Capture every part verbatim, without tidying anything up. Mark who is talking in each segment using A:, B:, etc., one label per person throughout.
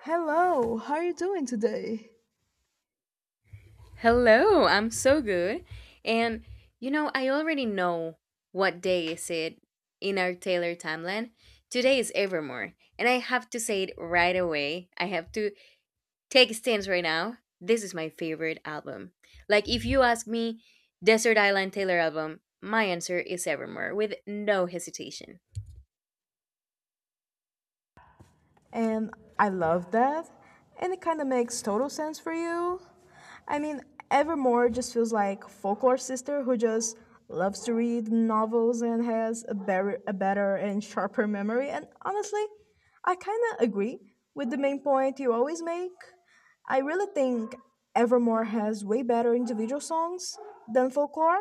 A: Hello, how are you doing today?
B: Hello, I'm so good. And you know, I already know what day is it in our Taylor timeline. Today is Evermore, and I have to say it right away. I have to take a stance right now. This is my favorite album. Like if you ask me Desert Island Taylor album, my answer is Evermore with no hesitation.
A: And I love that. And it kind of makes total sense for you. I mean, Evermore just feels like folklore sister who just loves to read novels and has a, ber- a better and sharper memory. And honestly, I kind of agree with the main point you always make. I really think Evermore has way better individual songs than folklore.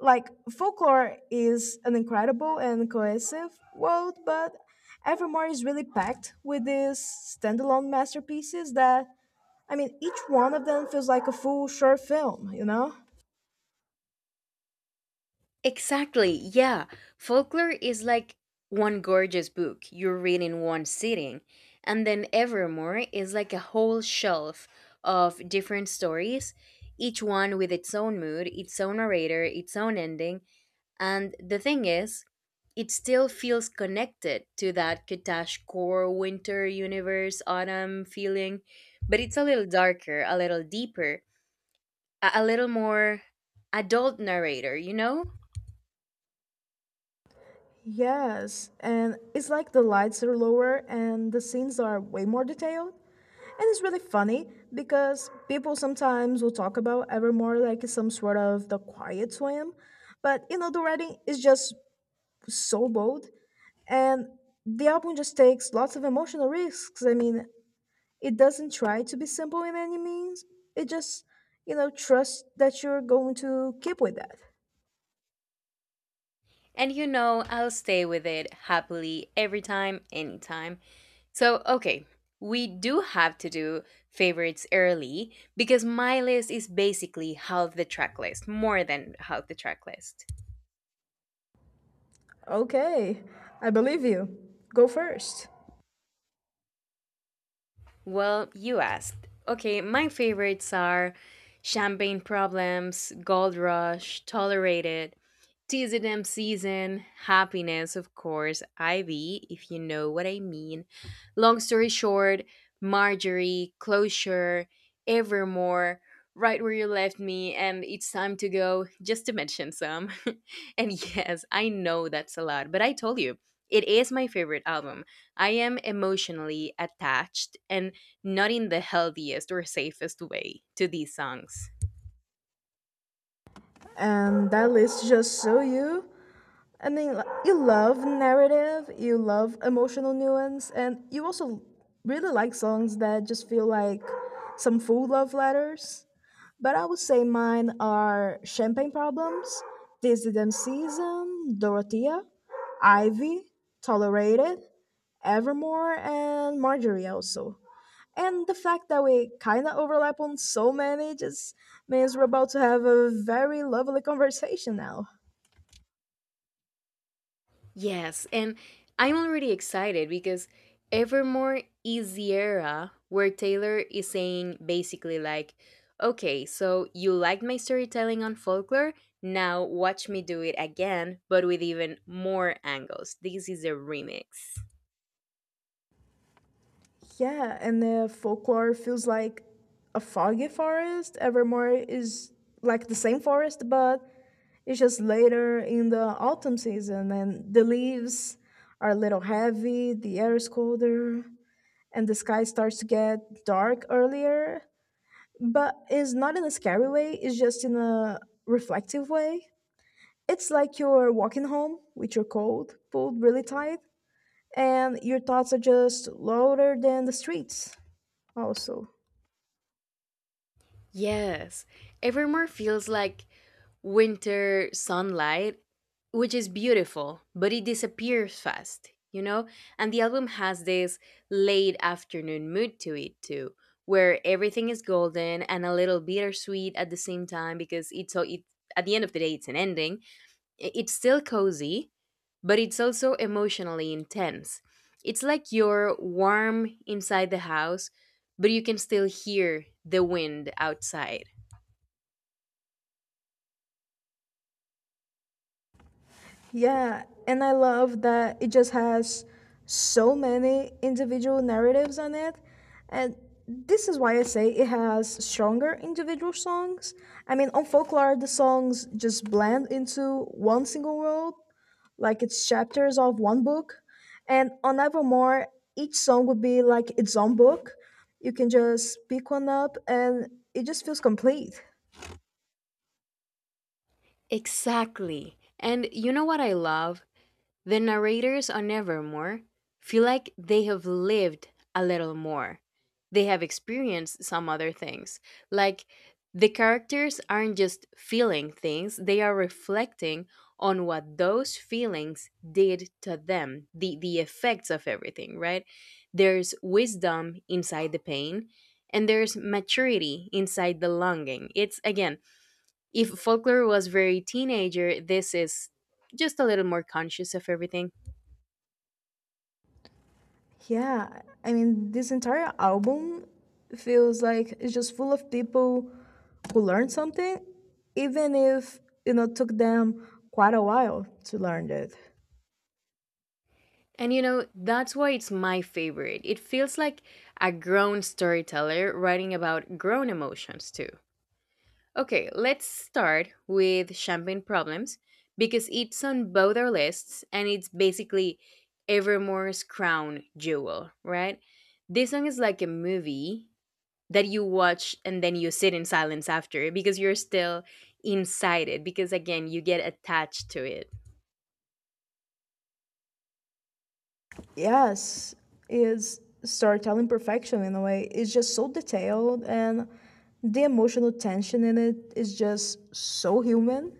A: Like folklore is an incredible and cohesive world, but Evermore is really packed with these standalone masterpieces that, I mean each one of them feels like a full short film, you know?
B: Exactly. Yeah. Folklore is like one gorgeous book you read in one sitting. And then Evermore is like a whole shelf of different stories, each one with its own mood, its own narrator, its own ending. And the thing is, it still feels connected to that Katash core winter universe autumn feeling, but it's a little darker, a little deeper, a, a little more adult narrator, you know?
A: Yes, and it's like the lights are lower and the scenes are way more detailed. And it's really funny because people sometimes will talk about Evermore like it's some sort of the quiet swim, but you know, the writing is just so bold. And the album just takes lots of emotional risks. I mean, it doesn't try to be simple in any means. It just, you know, trusts that you're going to keep with that.
B: And you know, I'll stay with it happily every time, anytime. So, okay, we do have to do favorites early because my list is basically half the track list, more than half the track list.
A: Okay, I believe you. Go first.
B: Well, you asked. Okay, my favorites are Champagne Problems, Gold Rush, Tolerated, T Z M season, happiness, of course, Ivy, if you know what I mean. Long story short, Marjorie, Closure, Evermore, Right Where You Left Me, and It's Time to Go, just to mention some. And yes, I know that's a lot, but I told you, it is my favorite album. I am emotionally attached and not in the healthiest or safest way to these songs.
A: And that list just so you. I mean, li- you love narrative, you love emotional nuance, and you also really like songs that just feel like some full love letters. But I would say mine are Champagne Problems, This Did Season, Dorothea, Ivy, Tolerated, Evermore, and Marjorie also. And the fact that we kind of overlap on so many just means we're about to have a very lovely conversation now.
B: Yes, and I'm already excited because Evermore is the era where Taylor is saying basically like, okay, so you liked my storytelling on folklore, now watch me do it again, but with even more angles. This is a remix.
A: Yeah, and uh, folklore feels like a foggy forest. Evermore is like the same forest, but it's just later in the autumn season, and the leaves are a little heavy, the air is colder, and the sky starts to get dark earlier. But it's not in a scary way, it's just in a reflective way. It's like you're walking home with your coat pulled really tight, and your thoughts are just louder than the streets, also.
B: Yes, Evermore feels like winter sunlight, which is beautiful, but it disappears fast, you know? And the album has this late afternoon mood to it, too, where everything is golden and a little bittersweet at the same time because it's so, it, at the end of the day, it's an ending. I- It's still cozy, but it's also emotionally intense. It's like you're warm inside the house, but you can still hear the wind outside.
A: Yeah, and I love that it just has so many individual narratives on it. And this is why I say it has stronger individual songs. I mean, on folklore, the songs just blend into one single world, like it's chapters of one book. And on Evermore, each song would be like its own book. You can just pick one up and it just feels complete.
B: Exactly. And you know what I love? The narrators on Evermore feel like they have lived a little more. They have experienced some other things. Like the characters aren't just feeling things, they are reflecting on what those feelings did to them, the, the effects of everything, right? There's wisdom inside the pain, and there's maturity inside the longing. It's, again, if folklore was very teenager, this is just a little more conscious of everything.
A: Yeah, I mean, this entire album feels like it's just full of people who learned something, even if, you know, took them quite a while to learn it.
B: And you know, that's why it's my favorite. It feels like a grown storyteller writing about grown emotions too. Okay, let's start with Champagne Problems because it's on both our lists and it's basically Evermore's crown jewel, right? This song is like a movie that you watch and then you sit in silence after because you're still inside it because again you get attached to it.
A: Yes, is storytelling perfection in a way. It's just so detailed, and the emotional tension in it is just so human.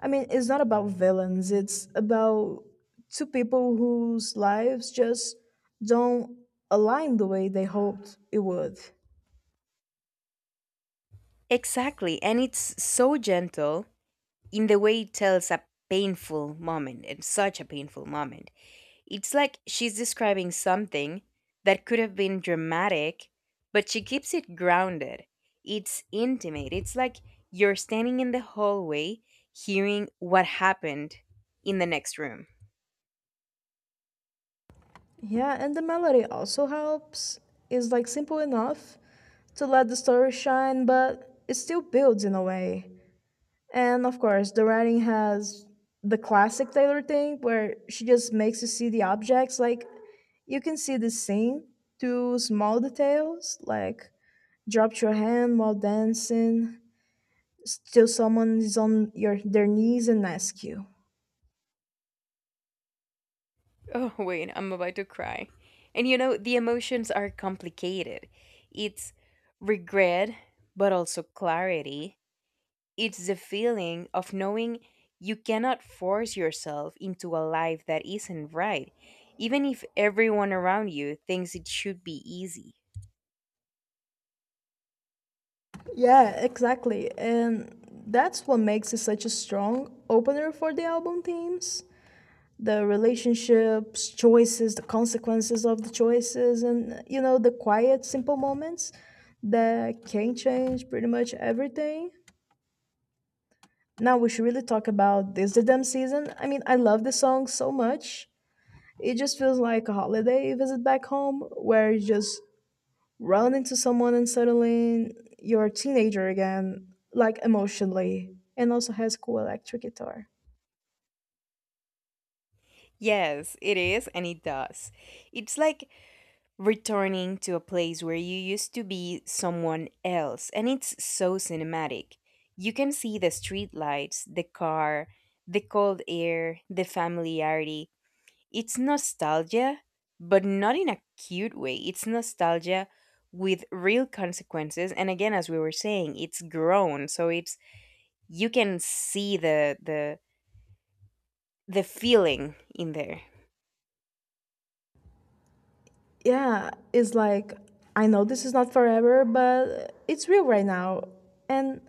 A: I mean, it's not about villains. It's about two people whose lives just don't align the way they hoped it would.
B: Exactly. And it's so gentle in the way it tells a painful moment, and such a painful moment. It's like she's describing something that could have been dramatic, but she keeps it grounded. It's intimate. It's like you're standing in the hallway hearing what happened in the next room.
A: Yeah, and the melody also helps. It's like simple enough to let the story shine, but it still builds in a way. And of course, the writing has the classic Taylor thing where she just makes you see the objects. Like, you can see the scene through small details, like dropped your hand while dancing, still, someone is on your their knees and ask you.
B: Oh, wait, I'm about to cry. And you know, the emotions are complicated. It's regret, but also clarity. It's the feeling of knowing you cannot force yourself into a life that isn't right, even if everyone around you thinks it should be easy.
A: Yeah, exactly. And that's what makes it such a strong opener for the album themes. The relationships, choices, the consequences of the choices, and you know, the quiet, simple moments that can change pretty much everything. Now we should really talk about this the damn season. I mean, I love this song so much. It just feels like a holiday visit back home where you just run into someone and suddenly you're a teenager again, like emotionally, and also has cool electric guitar.
B: Yes, it is, and it does. It's like returning to a place where you used to be someone else. And it's so cinematic. You can see the streetlights, the car, the cold air, the familiarity. It's nostalgia, but not in a cute way. It's nostalgia with real consequences. And again, as we were saying, it's grown. So it's you can see the the the feeling in there.
A: Yeah, it's like I know this is not forever, but it's real right now. And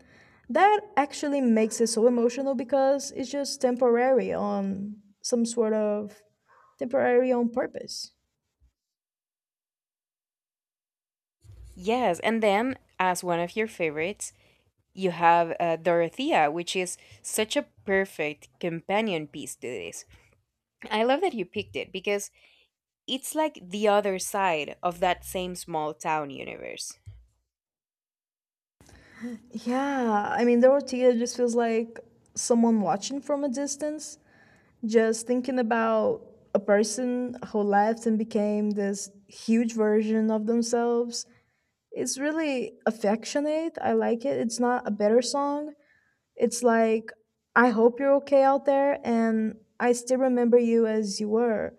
A: that actually makes it so emotional because it's just temporary on some sort of temporary on purpose.
B: Yes, and then as one of your favorites, you have uh, Dorothea, which is such a perfect companion piece to this. I love that you picked it because it's like the other side of that same small town universe.
A: Yeah, I mean, the Dorothea just feels like someone watching from a distance, just thinking about a person who left and became this huge version of themselves is really affectionate. I like it. It's not a better song. It's like, I hope you're okay out there, and I still remember you as you were.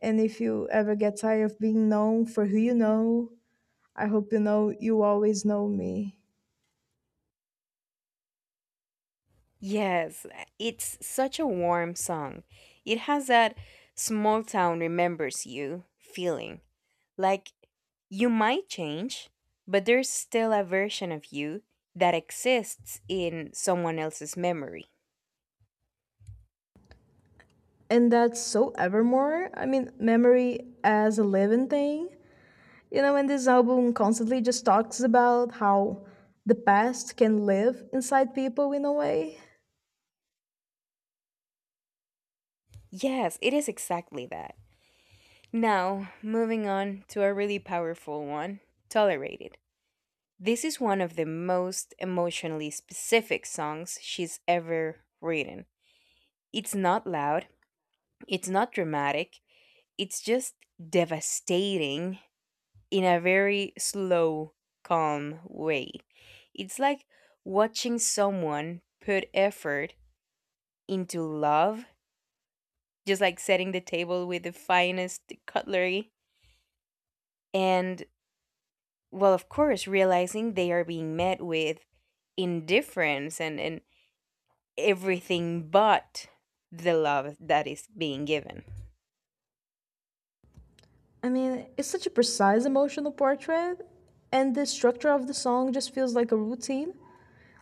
A: And if you ever get tired of being known for who you know, I hope you know you always know me.
B: Yes, it's such a warm song. It has that small town remembers you feeling. Like you might change, but there's still a version of you that exists in someone else's memory.
A: And that's so evermore. I mean, memory as a living thing. You know, and this album constantly just talks about how the past can live inside people in a way.
B: Yes, it is exactly that. Now, moving on to a really powerful one: Tolerated. This is one of the most emotionally specific songs she's ever written. It's not loud, it's not dramatic, it's just devastating in a very slow, calm way. It's like watching someone put effort into love, just like setting the table with the finest cutlery and, well, of course, realizing they are being met with indifference, and and everything but the love that is being given.
A: I mean, it's such a precise emotional portrait, and the structure of the song just feels like a routine.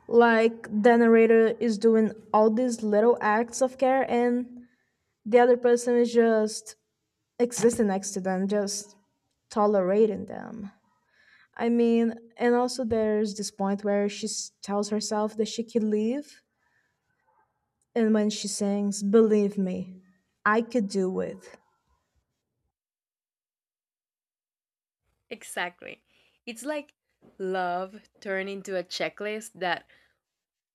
A: Like the narrator is doing all these little acts of care, and the other person is just existing next to them, just tolerating them. I mean, and also there's this point where she s- tells herself that she can leave and when she sings Believe Me, I Could Do It.
B: Exactly. It's like love turned into a checklist that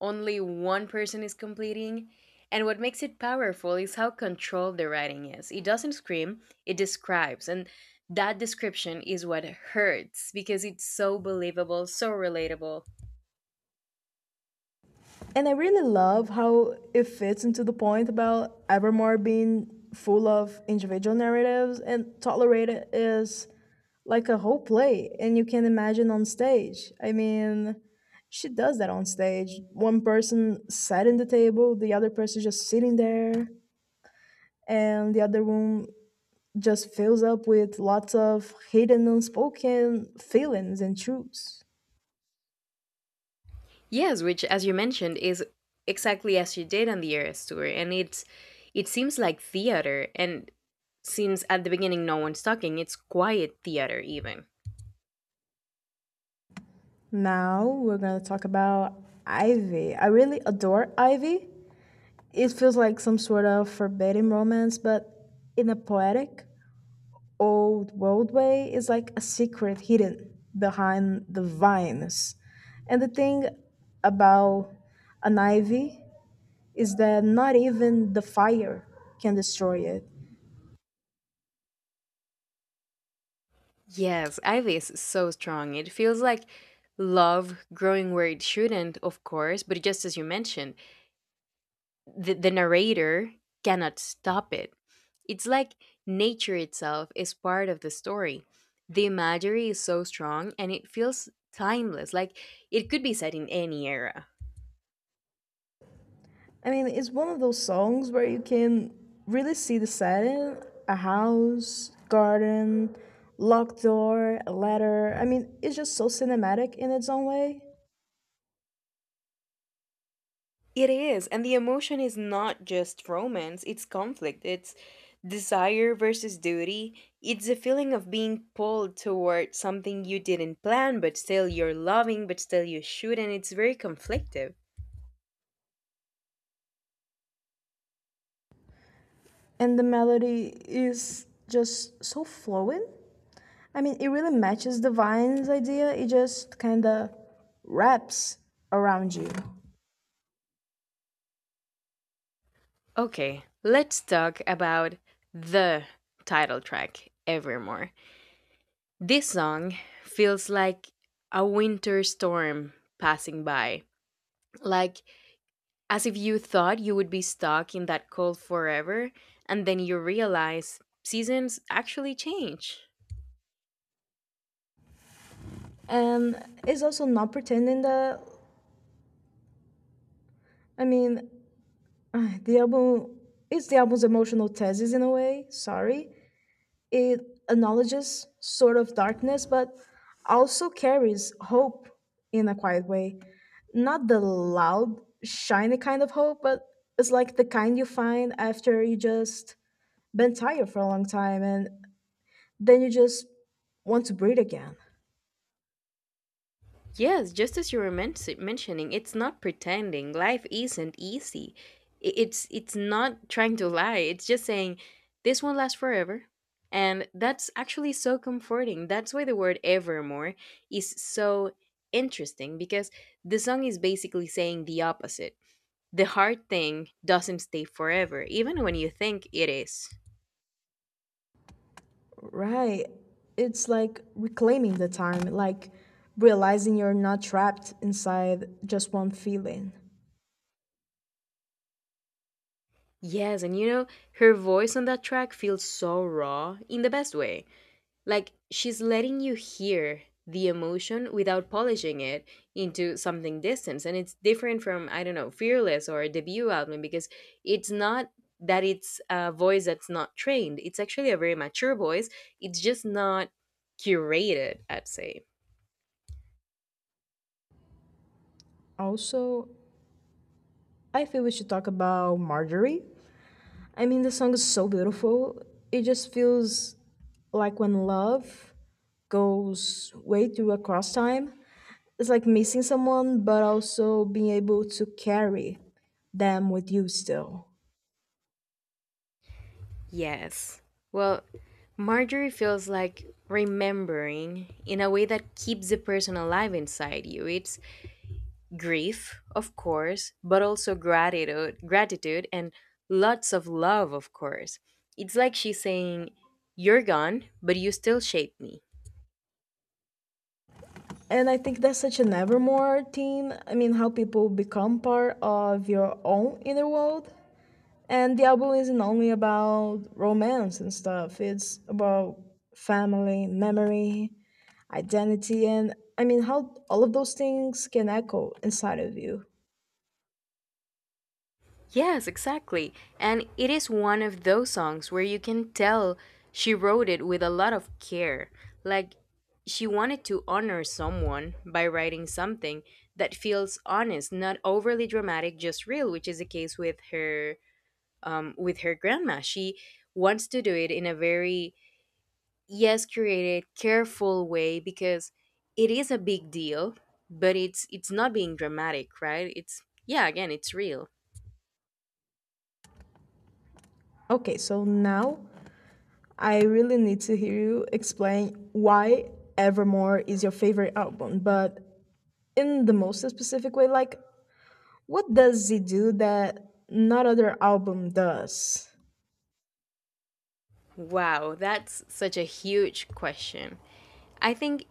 B: only one person is completing. And what makes it powerful is how controlled the writing is. It doesn't scream, it describes. And that description is what hurts because it's so believable, so relatable.
A: And I really love how it fits into the point about Evermore being full of individual narratives and Tolerated is like a whole play, and you can imagine on stage. I mean, she does that on stage. One person sat in the table, the other person just sitting there, and the other room just fills up with lots of hidden unspoken feelings and truths.
B: Yes, which, as you mentioned, is exactly as you did on the Eras tour, and it's it seems like theater, and since at the beginning no one's talking, it's quiet theater even.
A: Now we're gonna talk about Ivy. I really adore Ivy. It feels like some sort of forbidden romance, but in a poetic, old world way. It's like a secret hidden behind the vines. And the thing about an ivy is that not even the fire can destroy it.
B: Yes, Ivy is so strong. It feels like love growing where it shouldn't, of course, but just as you mentioned, the, the narrator cannot stop it. It's like nature itself is part of the story. The imagery is so strong and it feels timeless, like it could be set in any era.
A: I mean, it's one of those songs where you can really see the setting, a house, garden, locked door, a ladder. I mean, it's just so cinematic in its own way.
B: It is, and the emotion is not just romance, it's conflict, it's desire versus duty, it's a feeling of being pulled toward something you didn't plan, but still you're loving, but still you should, and it's very conflictive.
A: And the melody is just so flowing. I mean, it really matches the Vine's idea, it just kind of wraps around you.
B: Okay, let's talk about the title track, Evermore. This song feels like a winter storm passing by, like as if you thought you would be stuck in that cold forever, and then you realize seasons actually change.
A: And it's also not pretending that, I mean, the album is the album's emotional thesis in a way, sorry. It acknowledges sort of darkness, but also carries hope in a quiet way. Not the loud, shiny kind of hope, but it's like the kind you find after you just been tired for a long time and then you just want to breathe again.
B: Yes, just as you were men- mentioning, it's not pretending. Life isn't easy. I- It's it's not trying to lie. It's just saying this won't last forever. And that's actually so comforting. That's why the word evermore is so interesting because the song is basically saying the opposite. The hard thing doesn't stay forever, even when you think it is.
A: Right. It's like reclaiming the time, like realizing you're not trapped inside just one feeling.
B: Yes, and you know, her voice on that track feels so raw in the best way. Like she's letting you hear the emotion without polishing it into something distant. And it's different from, I don't know, Fearless or a debut album because it's not that it's a voice that's not trained. It's actually a very mature voice. It's just not curated, I'd say.
A: Also, I feel we should talk about Marjorie. I mean, the song is so beautiful. It just feels like when love goes way through across time. It's like missing someone, but also being able to carry them with you still.
B: Yes. Well, Marjorie feels like remembering in a way that keeps the person alive inside you. It's grief, of course, but also gratitude, gratitude and lots of love, of course. It's like she's saying, "You're gone, but you still shape me."
A: And I think that's such an evermore theme. I mean, how people become part of your own inner world. And the album isn't only about romance and stuff, it's about family, memory, identity, and I mean, how all of those things can echo inside of you.
B: Yes, exactly. And it is one of those songs where you can tell she wrote it with a lot of care. Like she wanted to honor someone by writing something that feels honest, not overly dramatic, just real, which is the case with her, um, with her grandma. She wants to do it in a very, yes, curated, careful way because it is a big deal, but it's it's not being dramatic, right? It's, yeah, again, it's real.
A: Okay, so now I really need to hear you explain why Evermore is your favorite album, but in the most specific way, like, what does it do that not other album does?
B: Wow, that's such a huge question. I think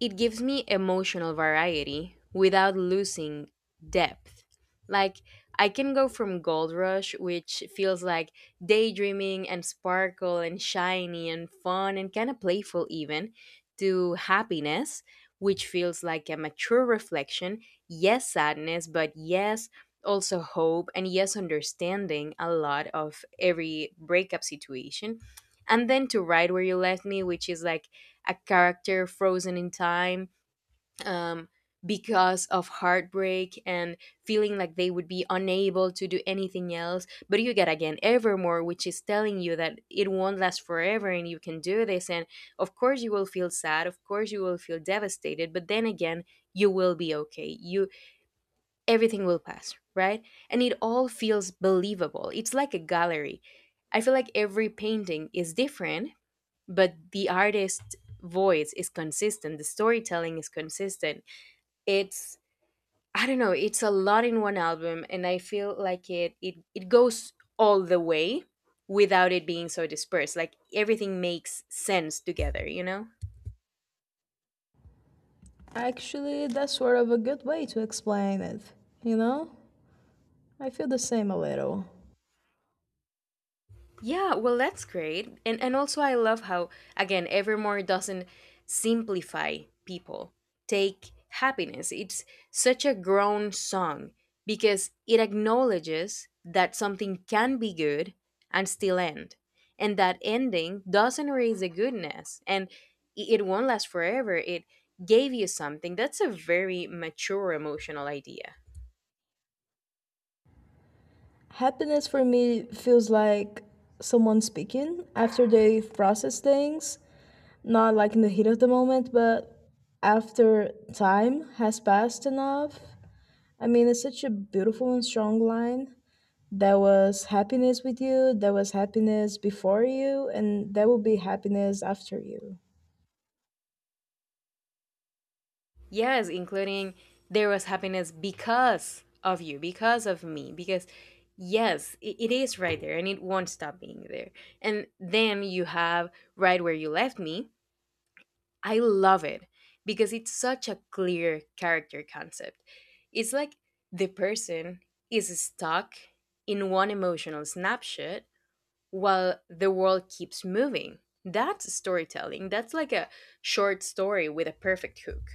B: it gives me emotional variety without losing depth. Like, I can go from Gold Rush, which feels like daydreaming and sparkle and shiny and fun and kind of playful, even, to Happiness, which feels like a mature reflection. Yes, sadness, but yes, also hope and yes, understanding a lot of every breakup situation. And then to Right Where You Left Me, which is like a character frozen in time, um, because of heartbreak and feeling like they would be unable to do anything else. But you get again Evermore, which is telling you that it won't last forever and you can do this. And of course, you will feel sad. Of course, you will feel devastated. But then again, you will be okay. You Everything will pass, right? And it all feels believable. It's like a gallery. I feel like every painting is different, but the artist voice is consistent, the storytelling is consistent. It's, I don't know, it's a lot in one album, and I feel like it it, it goes all the way without it being so dispersed, like everything makes sense together, you know?
A: Actually, that's sort of a good way to explain it, you know? I feel the same a little.
B: Yeah, well, that's great. And and also I love how, again, Evermore doesn't simplify people. Take happiness. It's such a grown song because it acknowledges that something can be good and still end. And that ending doesn't erase the goodness, and i- it won't last forever. It gave you something. That's a very mature emotional idea.
A: Happiness for me feels like someone speaking after they process things, not like in the heat of the moment, but after time has passed enough. I mean, it's such a beautiful and strong line. There was happiness with you, there was happiness before you, and there will be happiness after you.
B: Yes, including there was happiness because of you, because of me, because yes, it, it is right there and it won't stop being there. And then you have right where you left me. I love it because it's such a clear character concept. It's like the person is stuck in one emotional snapshot while the world keeps moving. That's storytelling. That's like a short story with a perfect hook.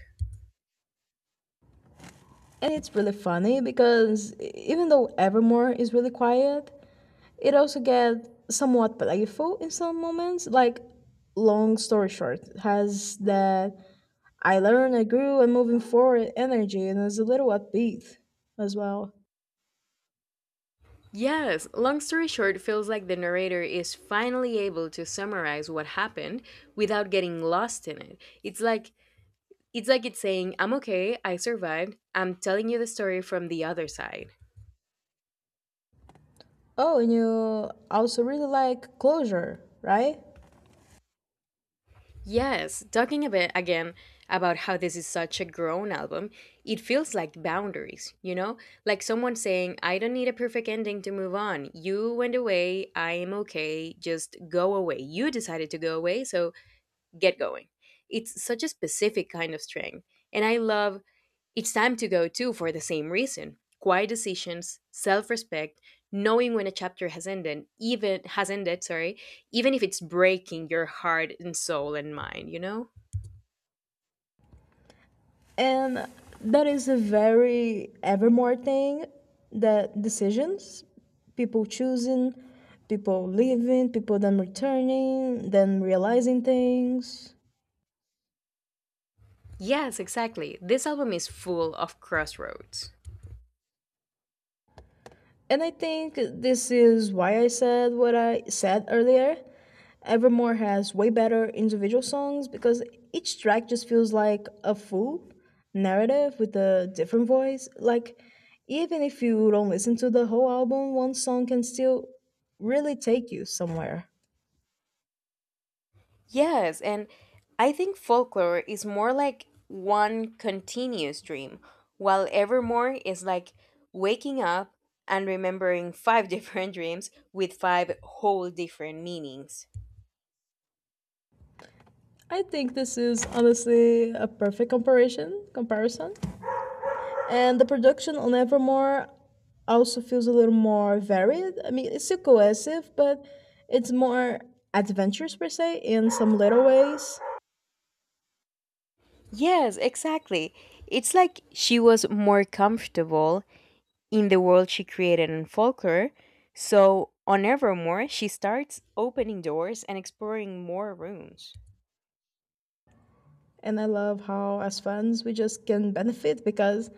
A: And it's really funny because even though Evermore is really quiet, it also get somewhat playful in some moments. Like, long story short, has that I learned, I grew, and moving forward energy, and it's a little upbeat as well.
B: Yes, long story short, it feels like the narrator is finally able to summarize what happened without getting lost in it. It's like it's like it's saying, "I'm okay, I survived. I'm telling you the story from the other side."
A: Oh, and you also really like closure, right?
B: Yes, talking a bit again about how this is such a grown album, it feels like boundaries, you know? Like someone saying, "I don't need a perfect ending to move on. You went away, I'm okay. Just go away. You decided to go away, so get going." It's such a specific kind of strength. And I love it's time to go too for the same reason. Quiet decisions, self-respect, knowing when a chapter has ended, even has ended, sorry, even if it's breaking your heart and soul and mind, you know?
A: And that is a very evermore thing, that decisions, people choosing, people leaving, people then returning, then realizing things.
B: Yes, exactly. This album is full of crossroads.
A: And I think this is why I said what I said earlier. Evermore has way better individual songs because each track just feels like a full narrative with a different voice. Like, even if you don't listen to the whole album, one song can still really take you somewhere.
B: Yes, and I think folklore is more like one continuous dream, while evermore is like waking up and remembering five different dreams with five whole different meanings.
A: I think this is honestly a perfect comparison. Comparison. And the production on Evermore also feels a little more varied. I mean, it's still cohesive, but it's more adventurous per se in some little ways.
B: Yes, exactly. It's like she was more comfortable in the world she created in folklore, so on Evermore, she starts opening doors and exploring more rooms.
A: And I love how, as fans, we just can benefit because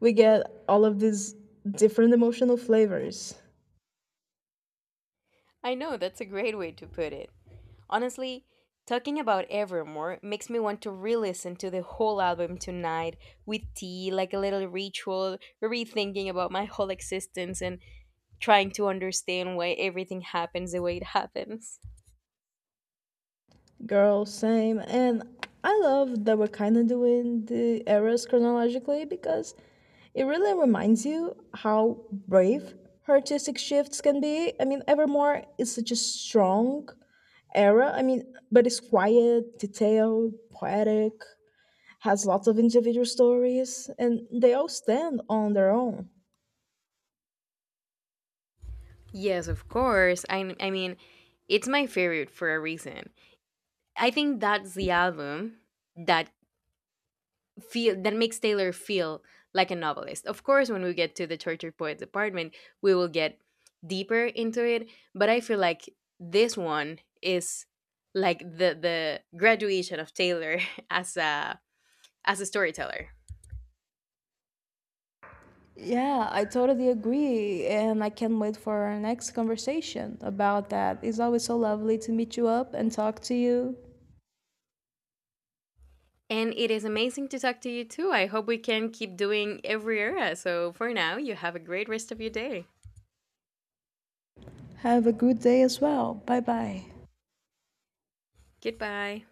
A: we get all of these different emotional flavors.
B: I know, that's a great way to put it. Honestly, talking about Evermore makes me want to re listen to the whole album tonight with tea, like a little ritual, rethinking about my whole existence and trying to understand why everything happens the way it happens.
A: Girl, same. And I love that we're kind of doing the eras chronologically because it really reminds you how brave her artistic shifts can be. I mean, Evermore is such a strong era. I mean, but it's quiet, detailed, poetic, has lots of individual stories, and they all stand on their own.
B: Yes, of course. I, I mean, it's my favorite for a reason. I think that's the album that feel that makes Taylor feel like a novelist. Of course, when we get to the tortured poet department, we will get deeper into it. But I feel like this one is like the the graduation of Taylor as a as a storyteller.
A: Yeah, I totally agree. And I can't wait for our next conversation about that. It's always so lovely to meet you up and talk to you.
B: And it is amazing to talk to you too. I hope we can keep doing every era. So for now, you have a great rest of your day.
A: Have a good day as well. Bye bye.
B: Goodbye.